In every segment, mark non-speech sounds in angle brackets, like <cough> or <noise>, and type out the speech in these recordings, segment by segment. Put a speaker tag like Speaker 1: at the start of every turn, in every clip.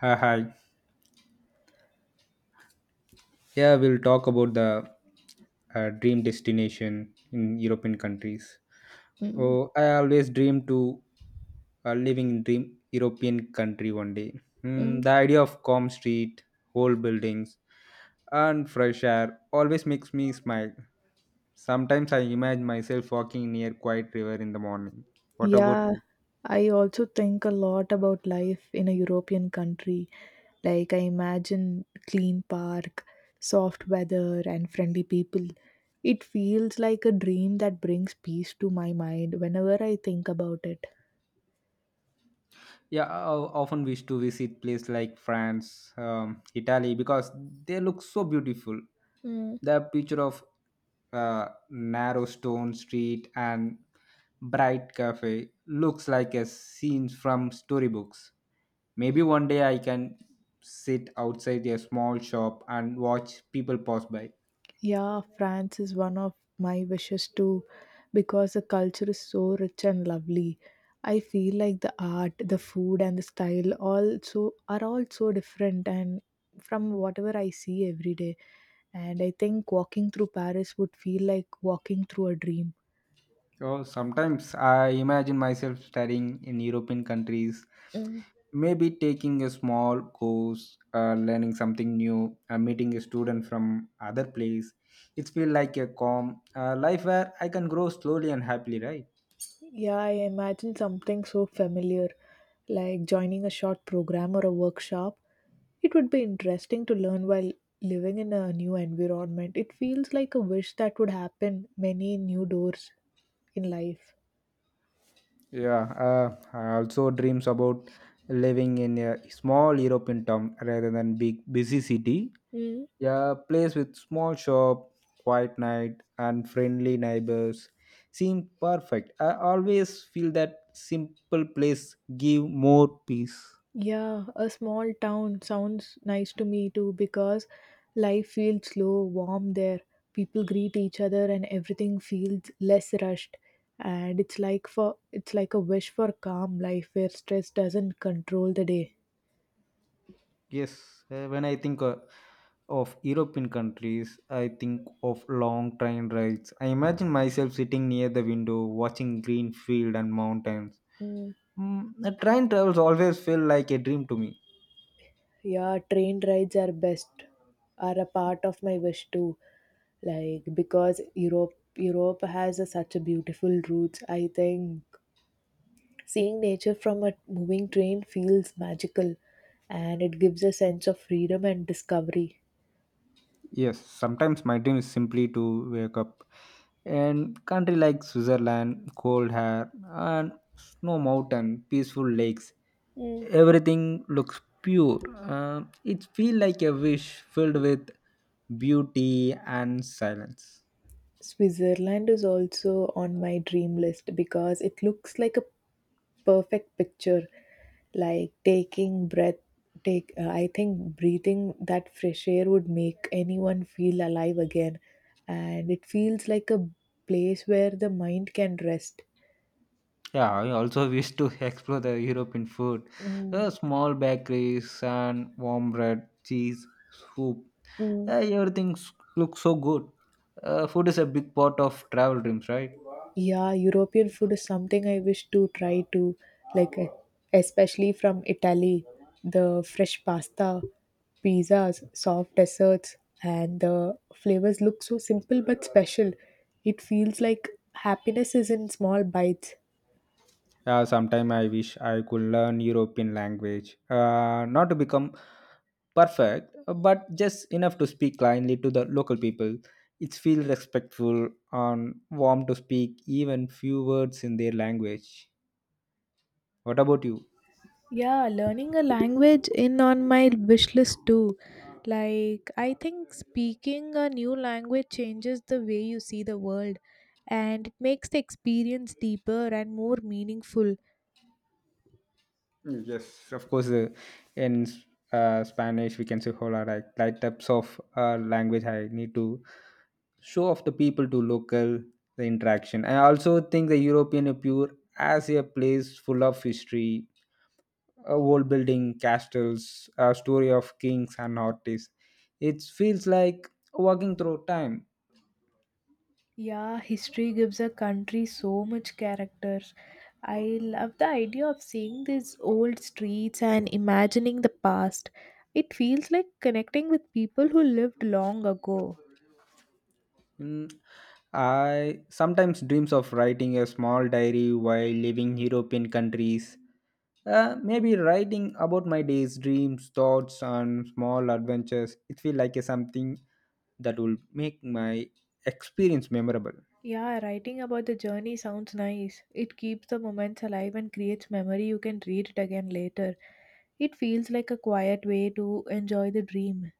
Speaker 1: Hi, hi. Yeah, we'll talk about the dream destination in European countries.
Speaker 2: Mm,
Speaker 1: Oh, I always dream to living in dream European country one day. Mm,
Speaker 2: mm.
Speaker 1: the idea of calm street, old buildings, and fresh air always makes me smile. Sometimes I imagine myself walking near quiet river in the morning. What about
Speaker 2: Yeah,
Speaker 1: you?
Speaker 2: I also think a lot about life in a European country. Like, I imagine clean park, soft weather, and friendly people. It feels like a dream that brings peace to my mind whenever I think about it.
Speaker 1: Yeah, often wish to visit places like France, Italy because they look so beautiful. The picture of narrow stone street and bright cafe looks like a scene from storybooks. Maybe one day I can sit outside a small shop and watch people pass by.
Speaker 2: Yeah, France is one of my wishes too because the culture is so rich and lovely. I feel like the art, the food and the style also are all so different and from whatever I see every day. And I think walking through Paris would feel like walking through a dream.
Speaker 1: So sometimes I imagine myself studying in European countries,
Speaker 2: Mm,
Speaker 1: maybe taking a small course, learning something new, meeting a student from other place. It feel like a calm life where I can grow slowly and happily, right?
Speaker 2: yeah, I imagine something so familiar, like joining a short program or a workshop. It would be interesting to learn while living in a new environment. It feels like a wish that would happen many new doors in life.
Speaker 1: Yeah, I also dreams about living in a small european town rather than big busy city.
Speaker 2: Mm,
Speaker 1: Yeah, place with small shop, quiet night and friendly neighbors seem perfect. I always feel that simple place give more peace.
Speaker 2: yeah, a small town sounds nice to me too because life feels slow, warm there. People greet each other and everything feels less rushed. And it's like a wish for calm life where stress doesn't control the day.
Speaker 1: Yes, when I think of European countries, I think of long train rides. I imagine myself sitting near the window watching green field and mountains.
Speaker 2: Mm.
Speaker 1: Mm, the train travels always feel like a dream to me.
Speaker 2: Yeah, train rides are best, are a part of my wish too. Like because Europe has such a beautiful routes. I think seeing nature from a moving train feels magical, and it gives a sense of freedom and discovery.
Speaker 1: Yes, sometimes my dream is simply to wake up. And country like Switzerland, cold air and snow mountain, peaceful lakes,
Speaker 2: Mm.
Speaker 1: everything looks pure. It feels like a wish filled with beauty and silence.
Speaker 2: Switzerland is also on my dream list because it looks like a perfect picture, like taking breath take I think breathing that fresh air would make anyone feel alive again, and it feels like a place where the mind can rest.
Speaker 1: Yeah, I also <laughs> wish to explore the European food.
Speaker 2: Mm,
Speaker 1: Small bakeries and warm bread, cheese, soup.
Speaker 2: mm.
Speaker 1: Everything looks so good. Food is a big part of travel dreams, right?
Speaker 2: Yeah, European food is something I wish to try too, like especially from Italy, the fresh pasta, pizzas, soft desserts, and the flavors look so simple but special. It feels like happiness is in small bites.
Speaker 1: Yeah, sometime I wish I could learn European language, not to become perfect, but just enough to speak kindly to the local people. It feels respectful and warm to speak even few words in their language. What about you?
Speaker 2: Yeah, learning a language in on my wish list too. Like I think speaking a new language changes the way you see the world, and it makes the experience deeper and more meaningful.
Speaker 1: Yes, yes, of course. In Spanish, we can say "hola", like types of language. I need to show off the people to local the interaction. I also think the European appear as a place full of history, old building, castles, a story of kings and artists. It feels like walking through time.
Speaker 2: Yeah, history gives a country so much character. I love the idea of seeing these old streets and imagining the past. It feels like connecting with people who lived long ago.
Speaker 1: Mm, I sometimes dreams of writing a small diary while living European countries. Maybe writing about my days, dreams, thoughts, and small adventures. It feel like a something that will make my experience memorable.
Speaker 2: Yeah, writing about the journey sounds nice. It keeps the moments alive and creates memory you can read it again later. It feels like a quiet way to enjoy the dream.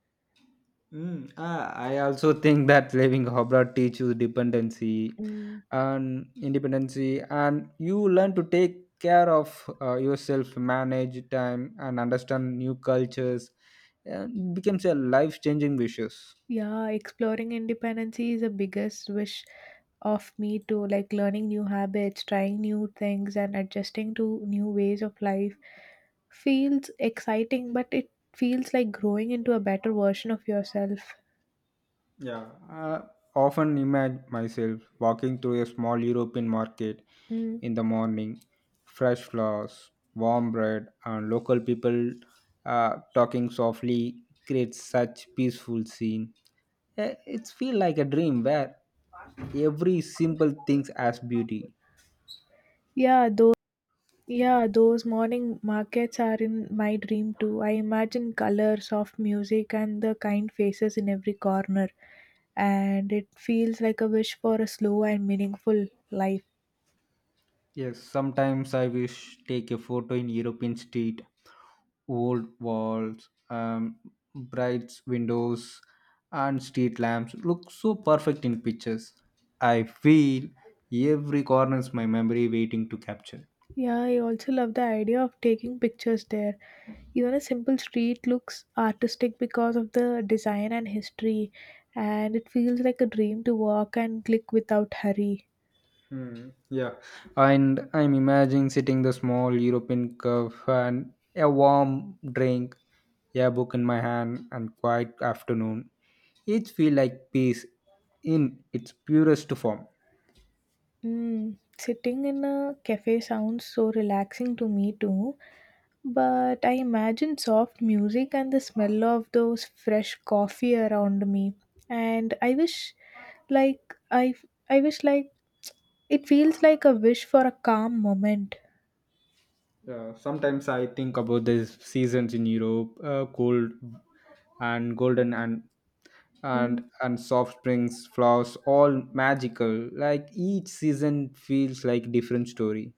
Speaker 1: I also think that living abroad teaches dependency
Speaker 2: Mm.
Speaker 1: and independency, and you learn to take care of yourself, manage time, and understand new cultures. And it becomes a life-changing wishes.
Speaker 2: Yeah, exploring independence is the biggest wish of me too, like learning new habits, trying new things, and adjusting to new ways of life feels exciting, but it feels like growing into a better version of yourself.
Speaker 1: Yeah, I often imagine myself walking through a small European market
Speaker 2: Mm.
Speaker 1: in the morning, fresh flowers, warm bread, and local people talking softly creates such peaceful scene. Eh, It's feel like a dream where every simple thing has beauty.
Speaker 2: Yeah, those morning markets are in my dream too. I imagine color, soft music, and the kind faces in every corner, and it feels like a wish for a slow and meaningful life.
Speaker 1: Yes, sometimes I wish take a photo in European street, old walls, bright windows, and street lamps look so perfect in pictures. I feel every corner is my memory waiting to capture.
Speaker 2: Yeah, I also love the idea of taking pictures there. Even a simple street looks artistic because of the design and history, and it feels like a dream to walk and click without hurry.
Speaker 1: Hmm. Yeah, and I'm imagining sitting the small European curve and a warm drink, a book in my hand, and quiet afternoon. Each feel like peace in its purest form.
Speaker 2: Mm, sitting in a cafe sounds so relaxing to me too, but I imagine soft music and the smell of those fresh coffee around me. And like, I, I wish, it feels like a wish for a calm moment.
Speaker 1: Sometimes I think about the seasons in Europe, cold and golden and
Speaker 2: Mm,
Speaker 1: and and soft springs flowers all magical, like each season feels like different story.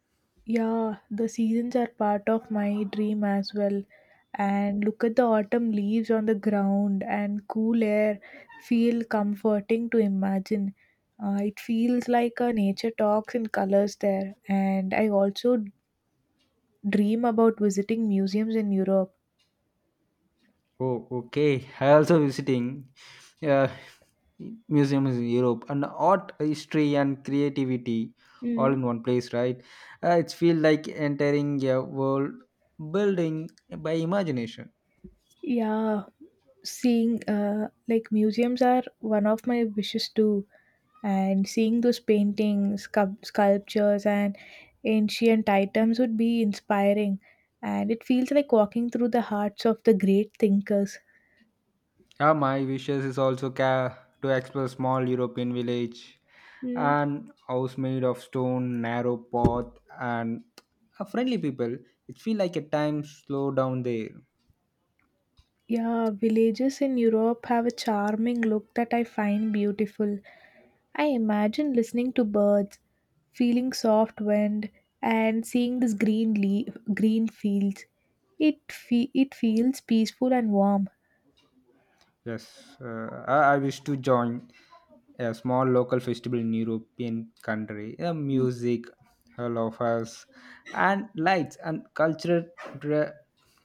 Speaker 2: yeah, the seasons are part of my dream as well. And look at the autumn leaves on the ground and cool air feel comforting to imagine. It feels like a nature talks in colors there. And I also dream about visiting museums in Europe.
Speaker 1: Oh, okay. I also visiting uh, museums in Europe and art history and creativity all
Speaker 2: Mm,
Speaker 1: in one place, right? It's feel like entering a world building by imagination.
Speaker 2: yeah, seeing like museums are one of my wishes too, and seeing those sculptures and ancient items would be inspiring, and it feels like walking through the hearts of the great thinkers.
Speaker 1: Yeah, my wishes is also to explore small European village
Speaker 2: Mm,
Speaker 1: and house made of stone, narrow path and a friendly people. It feel like a time slow down there.
Speaker 2: yeah, villages in Europe have a charming look that I find beautiful. I imagine listening to birds, feeling soft wind, and seeing this green fields. It feels peaceful and warm.
Speaker 1: Yes, I wish to join a small local festival in European country. Music, hello us, and lights and cultural tra-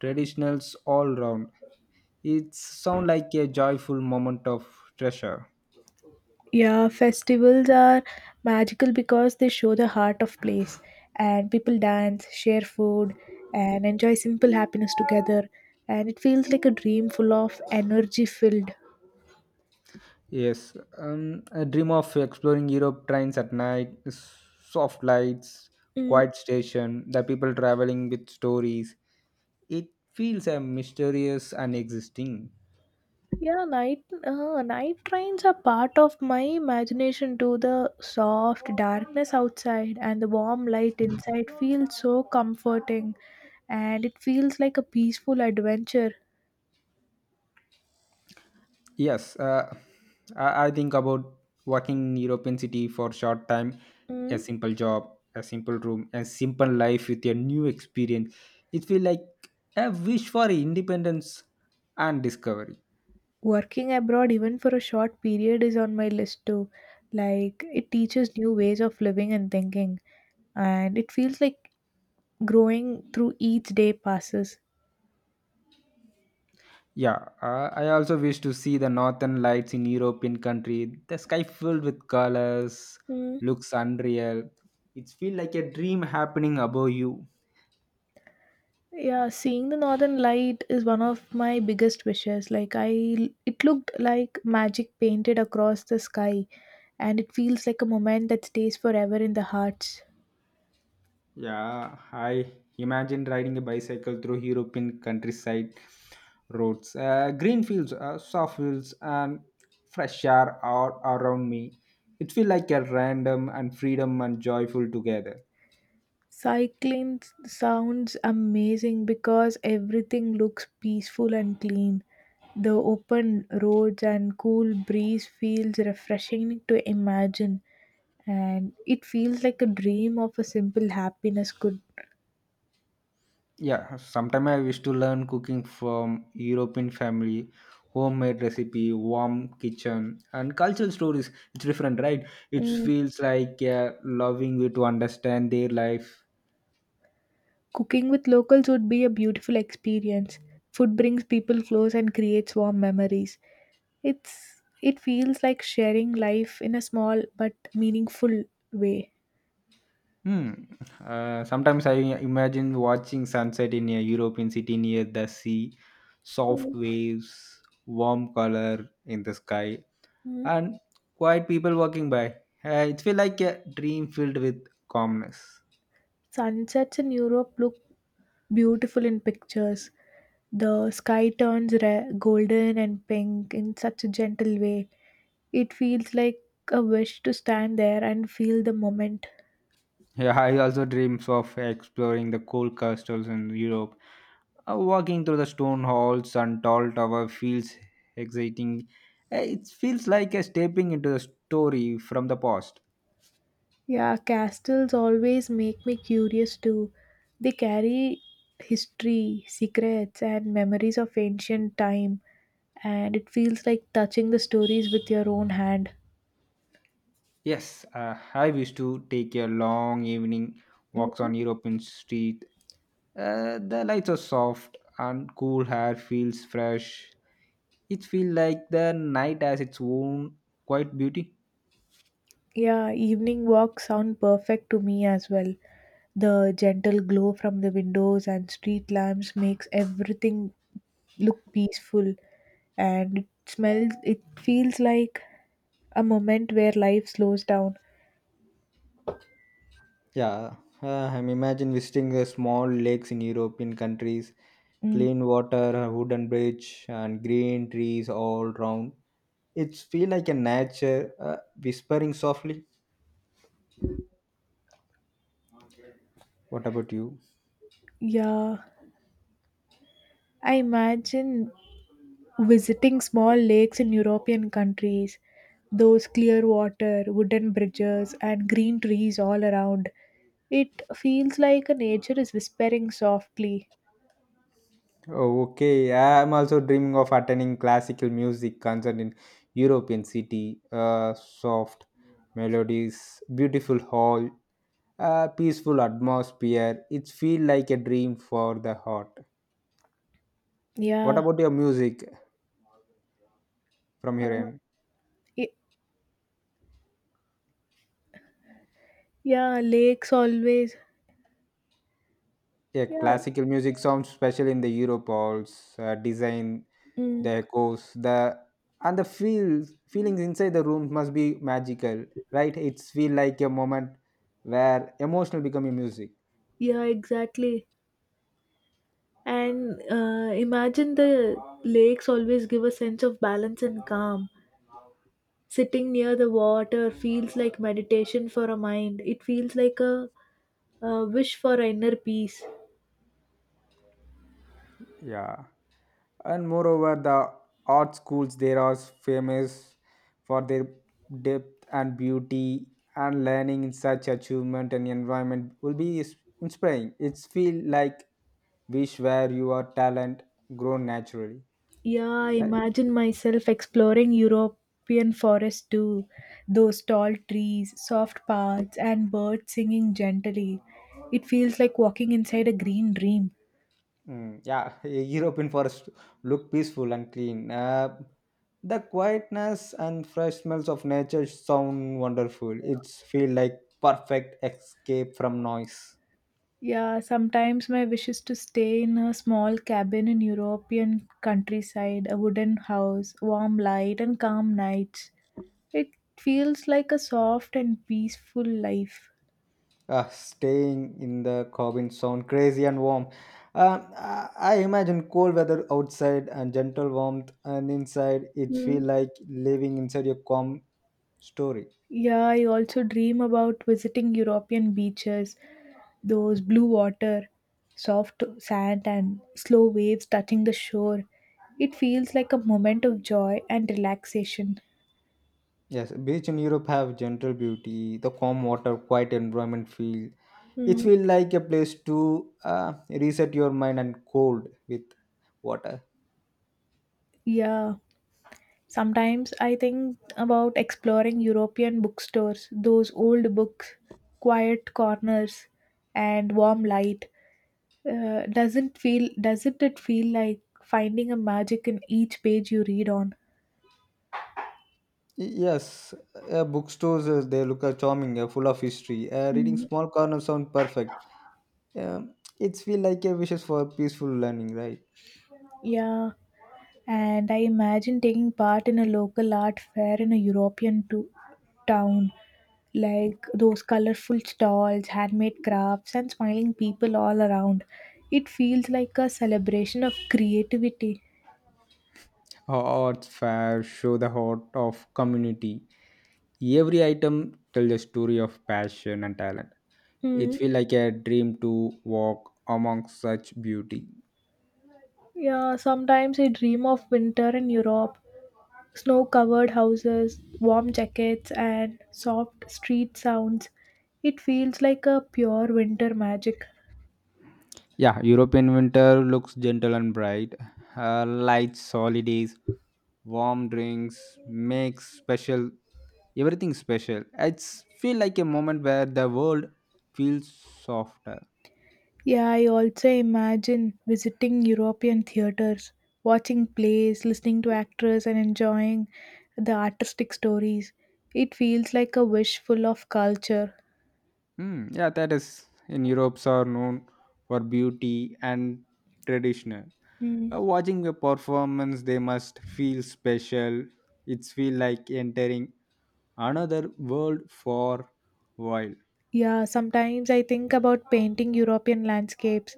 Speaker 1: traditionals all round. It sound like a joyful moment of treasure.
Speaker 2: Yeah, festivals are magical because they show the heart of place, and people dance, share food, and enjoy simple happiness together. And it feels like a dream full of energy filled.
Speaker 1: Yes, I dream of exploring Europe trains at night, soft lights,
Speaker 2: Mm,
Speaker 1: quiet station, the people traveling with stories. It feels mysterious and existing.
Speaker 2: yeah, night trains are part of my imagination too. The soft darkness outside and the warm light inside feels so comforting, and it feels like a peaceful adventure.
Speaker 1: Yes, I think about working in European city for short time, a
Speaker 2: Mm.
Speaker 1: simple job, a simple room, a simple life with a new experience. It feel like a wish for independence and discovery.
Speaker 2: Working abroad, even for a short period, is on my list too. Like it teaches new ways of living and thinking, and it feels like growing through each day passes.
Speaker 1: Yeah, I also wish to see the northern lights in European country. The sky filled with colors
Speaker 2: Mm.
Speaker 1: looks unreal. It feel like a dream happening above you.
Speaker 2: Yeah, seeing the northern light is one of my biggest wishes. Like I it looked like magic painted across the sky, and it feels like a moment that stays forever in the hearts.
Speaker 1: Yeah, I imagine riding a bicycle through European countryside roads, green fields, soft fields, and fresh air all around me. It feels like a random and freedom and joyful together.
Speaker 2: Cycling sounds amazing because everything looks peaceful and clean. The open roads and cool breeze feels refreshing to imagine, and it feels like a dream of a simple happiness could.
Speaker 1: Yeah, sometime I wish to learn cooking from European family, homemade recipe, warm kitchen, and cultural stories. It's different, right? It
Speaker 2: Mm.
Speaker 1: feels like loving you to understand their life.
Speaker 2: Cooking with locals would be a beautiful experience. Food brings people close and creates warm memories. It feels like sharing life in a small but meaningful way.
Speaker 1: Hmm. Sometimes I imagine watching sunset in a European city near the sea, soft waves, warm color in the sky,
Speaker 2: Hmm.
Speaker 1: and quiet people walking by. It feels like a dream filled with calmness.
Speaker 2: Sunsets in Europe look beautiful in pictures. The sky turns golden and pink in such a gentle way. It feels like a wish to stand there and feel the moment.
Speaker 1: Yeah, I also dreams of exploring the cool castles in Europe. Walking through the stone halls and tall tower feels exciting. It feels like a stepping into the story from the past.
Speaker 2: Yeah, castles always make me curious too. They carry history, secrets, and memories of ancient time, and it feels like touching the stories with your own hand.
Speaker 1: Yes, I used to take a long evening walks
Speaker 2: Mhm.
Speaker 1: on European street. The lights are soft and cool air feels fresh. It feels like the night has its own quiet beauty.
Speaker 2: Yeah, evening walks sound perfect to me as well. The gentle glow from the windows and street lamps makes everything look peaceful, and it feels like a moment where life slows down.
Speaker 1: Yeah, I'm imagine visiting small lakes in European countries,
Speaker 2: Mm,
Speaker 1: clean water, a wooden bridge, and green trees all round. It's feel like a nature whispering softly. What about you?
Speaker 2: yeah, I imagine visiting small lakes in European countries, those clear water, wooden bridges, and green trees all around. It feels like a nature is whispering softly.
Speaker 1: Oh, okay. I'm also dreaming of attending classical music concert in European city. Soft melodies, beautiful hall, peaceful atmosphere. It feel like a dream for the heart. What
Speaker 2: Yeah.
Speaker 1: about your music from your
Speaker 2: Uh,
Speaker 1: end?
Speaker 2: y- yeah, lakes always.
Speaker 1: Yeah,
Speaker 2: Yeah.
Speaker 1: classical music sounds special in the Europe halls. Design,
Speaker 2: Mm,
Speaker 1: the echoes, the and the feels feelings inside the room must be magical, right? It's feel like a moment where emotional become a music.
Speaker 2: yeah, exactly. And imagine the lakes always give a sense of balance and calm. Sitting near the water feels like meditation for a mind. It feels like a wish for inner peace.
Speaker 1: Yeah, and moreover, the art schools there are famous for their depth and beauty, and learning in such achievement and environment will inspiring. It's feel like wish where your talent grow naturally.
Speaker 2: Yeah, I
Speaker 1: Right?
Speaker 2: imagine myself exploring European forests too. Those tall trees, soft paths, and birds singing gently. It feels like walking inside a green dream.
Speaker 1: Mm, yeah, <laughs> European forest look peaceful and clean. The quietness and fresh smells of nature sound wonderful. It's feel like perfect escape from noise.
Speaker 2: Yeah, sometimes my wish is to stay in a small cabin in European countryside, a wooden house, warm light, and calm nights. It feels like a soft and peaceful life.
Speaker 1: Staying in the cabin sound crazy and warm. Um, I I imagine cold weather outside and gentle warmth, and inside it
Speaker 2: Hmm.
Speaker 1: feel like living inside a calm story.
Speaker 2: Yeah, I also dream about visiting European beaches, those blue water, soft sand, and slow waves touching the shore. It feels like a moment of joy and relaxation.
Speaker 1: Yes, beach in Europe have gentle beauty, the calm water, quiet environment feel. It
Speaker 2: Hmm.
Speaker 1: feel like a place to reset your mind and cold with water.
Speaker 2: Yeah. Sometimes I think about exploring European bookstores, those old books, quiet corners, and warm light. Doesn't it feel like finding a magic in each page you read on?
Speaker 1: Yes, bookstores they look charming, full of history. Reading
Speaker 2: Mm,
Speaker 1: small corners sound perfect. Yeah, it's feel like a wishes for peaceful learning, right?
Speaker 2: yeah, and I imagine taking part in a local art fair in a European town, like those colorful stalls, handmade crafts, and smiling people all around. It feels like a celebration of creativity.
Speaker 1: Arts fair show the heart of community. Every item tells a story of passion and talent. It
Speaker 2: Hmm.
Speaker 1: feel like a dream to walk among such beauty.
Speaker 2: Yeah, sometimes I dream of winter in Europe. Snow covered houses, warm jackets, and soft street sounds. It feels like a pure winter magic.
Speaker 1: Yeah, European winter looks gentle and bright. Lights, holidays, warm drinks, makes special everything special. It's feel like a moment where the world feels softer.
Speaker 2: Yeah, I also imagine visiting European theaters, watching plays, listening to actors, and enjoying the artistic stories. It feels like a wish full of culture.
Speaker 1: Hmm. Yeah, that is in Europe's are known for beauty and traditional.
Speaker 2: Hmm.
Speaker 1: Watching a performance, they must feel special. It's feel like entering another world for while.
Speaker 2: Yeah, sometimes I think about painting European landscapes.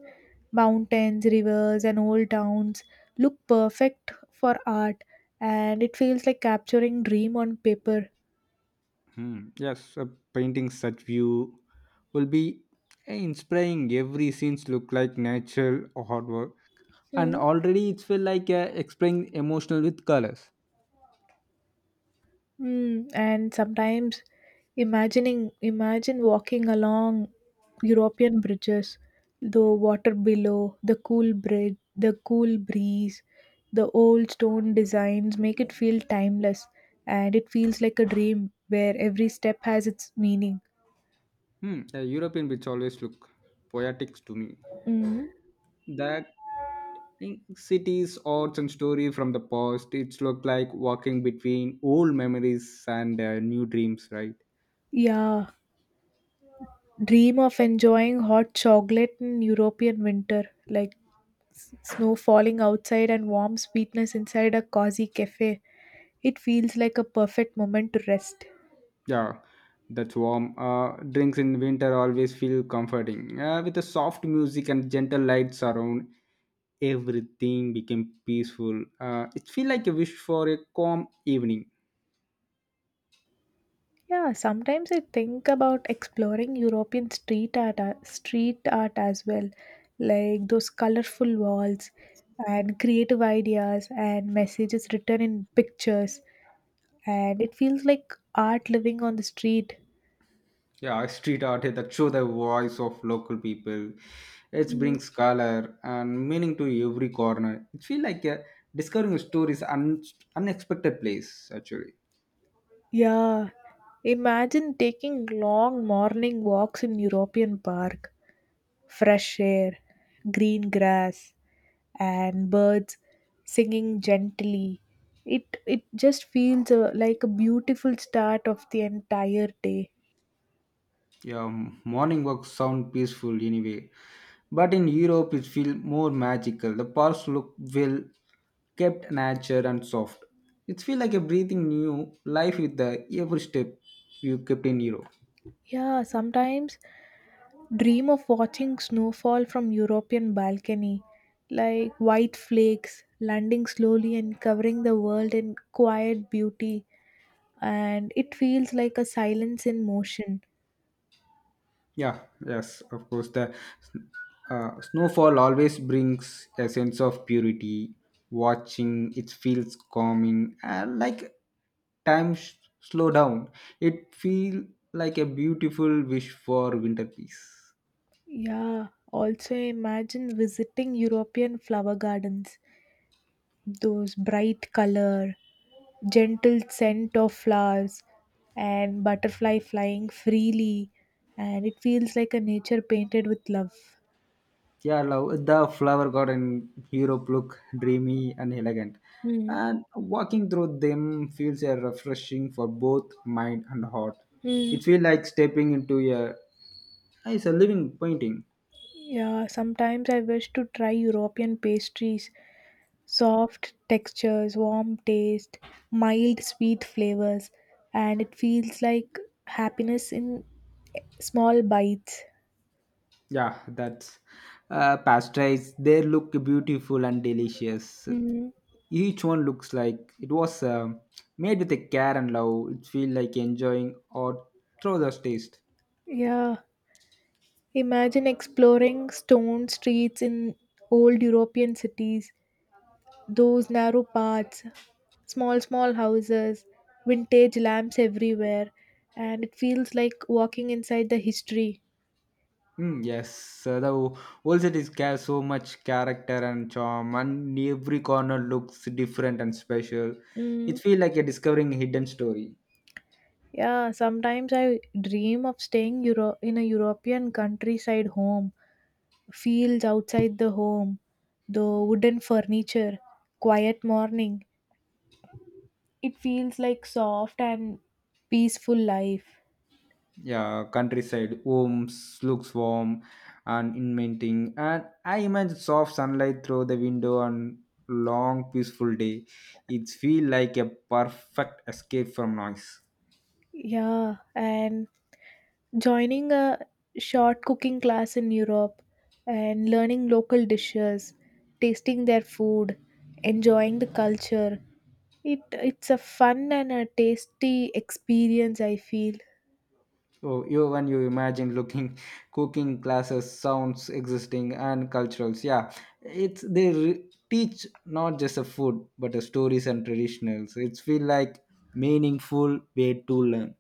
Speaker 2: Mountains, rivers, and old towns look perfect for art, and it feels like capturing dream on paper.
Speaker 1: Hmm. Yes, a painting such view will be inspiring. Every scenes look like natural artwork, and
Speaker 2: Hmm.
Speaker 1: already it feel like expressing emotional with colors.
Speaker 2: Mm, and sometimes imagining imagine walking along European bridges, the water below, the cool bridge, the cool breeze, the old stone designs make it feel timeless, and it feels like a dream where every step has its meaning.
Speaker 1: Hmm. The European bits always look poetic to me.
Speaker 2: Mm,
Speaker 1: The in cities, arts, and story from the past, it's look like walking between old memories and new dreams, right?
Speaker 2: yeah, dream of enjoying hot chocolate in European winter, like snow falling outside and warm sweetness inside a cozy cafe. It feels like a perfect moment to rest.
Speaker 1: Yeah, that's warm. Drinks in winter always feel comforting. With the soft music and gentle lights around, everything became peaceful. It feel like a wish for a calm evening.
Speaker 2: Yeah, sometimes I think about exploring European street art, as well, like those colorful walls and creative ideas and messages written in pictures. And it feels like art living on the street.
Speaker 1: Yeah, street art that show the voice of local people. It
Speaker 2: Mm,
Speaker 1: brings color and meaning to every corner. It feels like a discovering a story's unexpected place actually.
Speaker 2: yeah, imagine taking long morning walks in European park, fresh air, green grass, and birds singing gently. It just feels like a beautiful start of the entire day.
Speaker 1: Yeah, morning walks sound peaceful anyway, but in Europe it feels more magical. The parks look well kept, nature and soft. It feels like a breathing new life with the every step you kept in Europe.
Speaker 2: Yeah, sometimes dream of watching snowfall from European balcony, like white flakes landing slowly and covering the world in quiet beauty, and it feels like a silence in motion.
Speaker 1: Yeah, yes, of course. The snowfall always brings a sense of purity. Watching it feels calming, and like time slow down. It feel like a beautiful wish for winter peace.
Speaker 2: Yeah, also imagine visiting European flower gardens, those bright color, gentle scent of flowers, and butterfly flying freely, and it feels like a nature painted with love.
Speaker 1: Yeah, love the flower garden Europe look dreamy and elegant,
Speaker 2: Hmm.
Speaker 1: and walking through them feels a refreshing for both mind and heart.
Speaker 2: Hmm.
Speaker 1: It feels like stepping into a living painting.
Speaker 2: Yeah, sometimes I wish to try European pastries. Soft textures, warm taste, mild sweet flavors, and it feels like happiness in small bites.
Speaker 1: Yeah, that's pastries. They look beautiful and delicious.
Speaker 2: Mm,
Speaker 1: Each one looks like it was made with a care and love. It feels like enjoying or through the taste.
Speaker 2: yeah, imagine exploring stone streets in old European cities, those narrow paths, small, small houses, vintage lamps everywhere, and it feels like walking inside the history.
Speaker 1: Mm, yes, the whole set is care so much character and charm, and every corner looks different and special. It
Speaker 2: Mm,
Speaker 1: feels like you're discovering a hidden story.
Speaker 2: yeah, sometimes I dream of staying in a European countryside home, fields outside the home, the wooden furniture, quiet morning. It feels like soft and peaceful life.
Speaker 1: Yeah, countryside homes looks warm and inviting, and I imagine soft sunlight through the window on long peaceful day. It feel like a perfect escape from noise.
Speaker 2: Yeah, and joining a short cooking class in Europe and learning local dishes, tasting their food, enjoying the culture. It's a fun and a tasty experience I feel.
Speaker 1: So you when you imagine looking, cooking classes sounds existing and culturals, yeah, it's they teach not just a food but a stories and traditionals. It feel like meaningful way to learn.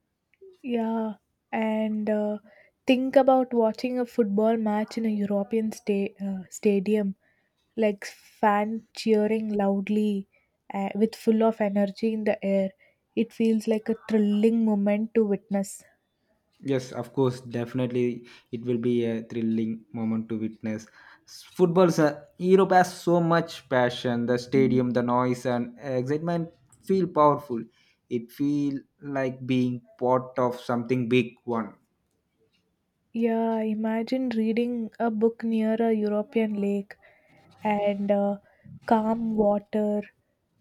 Speaker 2: Yeah, and think about watching a football match in a European stadium, like fan cheering loudly with full of energy in the air. It feels like a thrilling moment to witness.
Speaker 1: Yes, of course, definitely it will be a thrilling moment to witness. Football, sir, Europe has so much passion. The stadium, the noise, and excitement feel powerful. It feel like being part of something big one.
Speaker 2: Yeah, imagine reading a book near a European lake and calm water,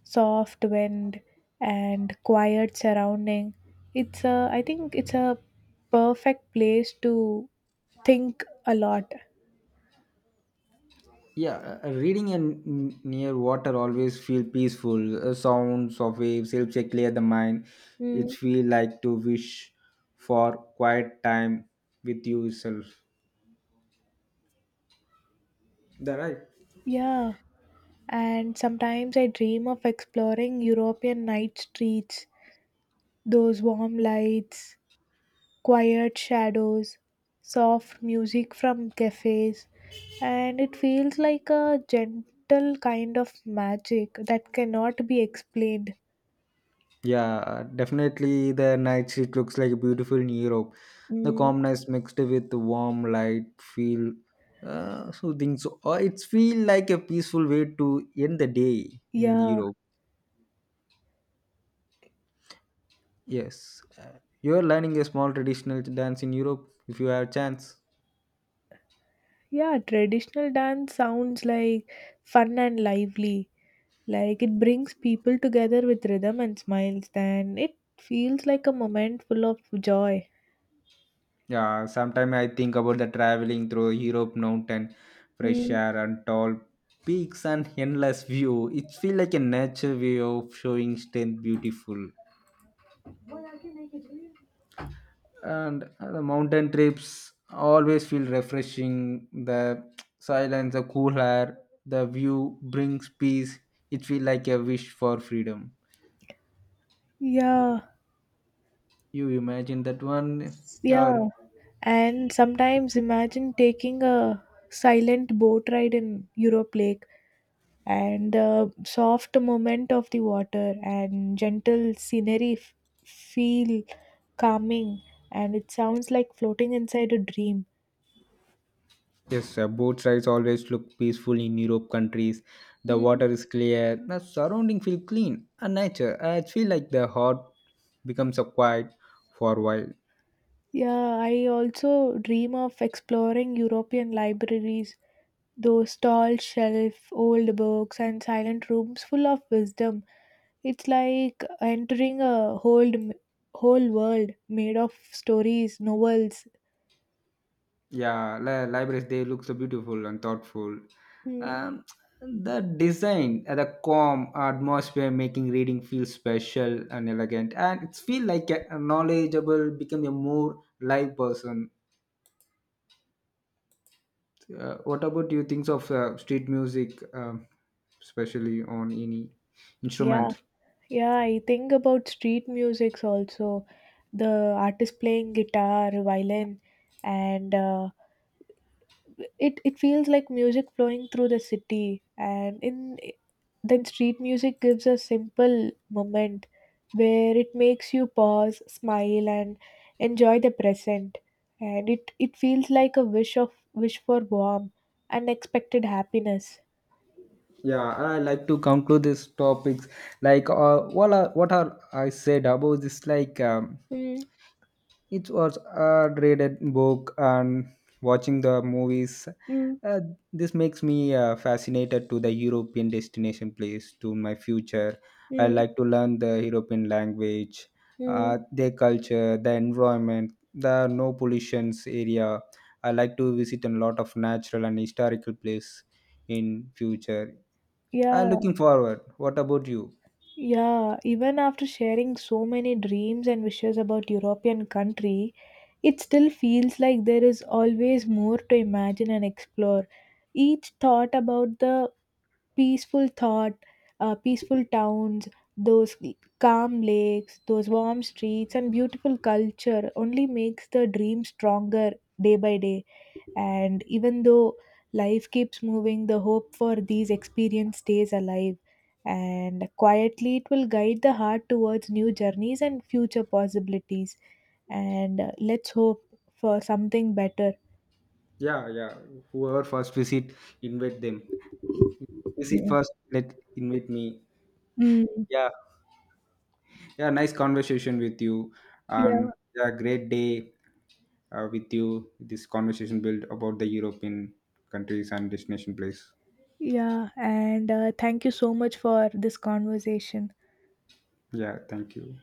Speaker 2: soft wind, and quiet surrounding. I think it's a perfect place to think a lot.
Speaker 1: Yeah, reading and near water always feel peaceful. Sounds of waves helps to clear the mind. It
Speaker 2: Mm,
Speaker 1: feel like to wish for quiet time with yourself. Is that right?
Speaker 2: yeah, and sometimes I dream of exploring European night streets, those warm lights, quiet shadows, soft music from cafes, and it feels like a gentle kind of magic that cannot be explained.
Speaker 1: Yeah, definitely the night it looks like beautiful in Europe. The
Speaker 2: Mm,
Speaker 1: calmness mixed with the warm light feel soothing. So it's feel like a peaceful way to end the day in
Speaker 2: yeah,
Speaker 1: Europe. Yes, you're learning a small traditional dance in Europe if you have a chance.
Speaker 2: yeah, traditional dance sounds like fun and lively. Like it brings people together with rhythm and smiles, and it feels like a moment full of joy.
Speaker 1: Yeah, sometimes I think about the traveling through Europe mountain, fresh
Speaker 2: Mm,
Speaker 1: air and tall peaks and endless view. It feel like a nature way of showing strength beautiful. And the mountain trips always feel refreshing, the silence, the cool air, the view brings peace. It feels like a wish for freedom.
Speaker 2: yeah.
Speaker 1: You imagine that one?
Speaker 2: Yeah,
Speaker 1: Or
Speaker 2: and sometimes imagine taking a silent boat ride in Europe Lake, and the soft movement of the water and gentle feel calming, and it sounds like floating inside a dream.
Speaker 1: yes, both sides always look peaceful in europe countries. The
Speaker 2: Mm.
Speaker 1: water is clear, the surrounding feel clean and nature. I feel like the heart becomes a quiet for a while.
Speaker 2: Yeah, I also dream of exploring European libraries, those tall shelf, old books, and silent rooms full of wisdom. It's like entering a whole world made of stories, novels.
Speaker 1: Yeah, libraries they look so beautiful and thoughtful.
Speaker 2: Mm,
Speaker 1: Um, the design, the calm atmosphere, making reading feel special and elegant, and it's feel like a knowledgeable, become a more live person. What about you? Thinks of street music, especially on any
Speaker 2: yeah,
Speaker 1: instrument.
Speaker 2: yeah. I think about street musics also. The artist playing guitar, violin, and it feels like music flowing through the city and in then street music gives a simple moment where it makes you pause, smile, and enjoy the present, and it feels like a wish for warm unexpected happiness.
Speaker 1: Yeah, I like to conclude this topics. Like, what are I said about this? Like.
Speaker 2: Mm.
Speaker 1: It was a graded book and watching the movies.
Speaker 2: Mm.
Speaker 1: Uh, this makes me fascinated to the European destination place to my future. I
Speaker 2: Mm.
Speaker 1: like to learn the European language,
Speaker 2: Mm.
Speaker 1: their culture, the environment, the no pollutions area. I like to visit a lot of natural and historical place in future.
Speaker 2: Yeah,
Speaker 1: I'm looking forward. What about you?
Speaker 2: yeah, even after sharing so many dreams and wishes about European countries, it still feels like there is always more to imagine and explore. Each thought about the peaceful thought, peaceful towns, those calm lakes, those warm streets, and beautiful culture only makes the dream stronger day by day. And even though life keeps moving, the hope for these experiences stays alive. And quietly, it will guide the heart towards new journeys and future possibilities, and let's hope for something better.
Speaker 1: Yeah, yeah. Whoever first visit, invite them. You see,
Speaker 2: Yeah.
Speaker 1: first let invite me.
Speaker 2: Mm,
Speaker 1: Yeah, yeah, nice conversation with you,
Speaker 2: yeah,
Speaker 1: and yeah, great day with you. This conversation built about the European countries and destination place.
Speaker 2: yeah. And thank you so much for this conversation.
Speaker 1: Yeah, thank you.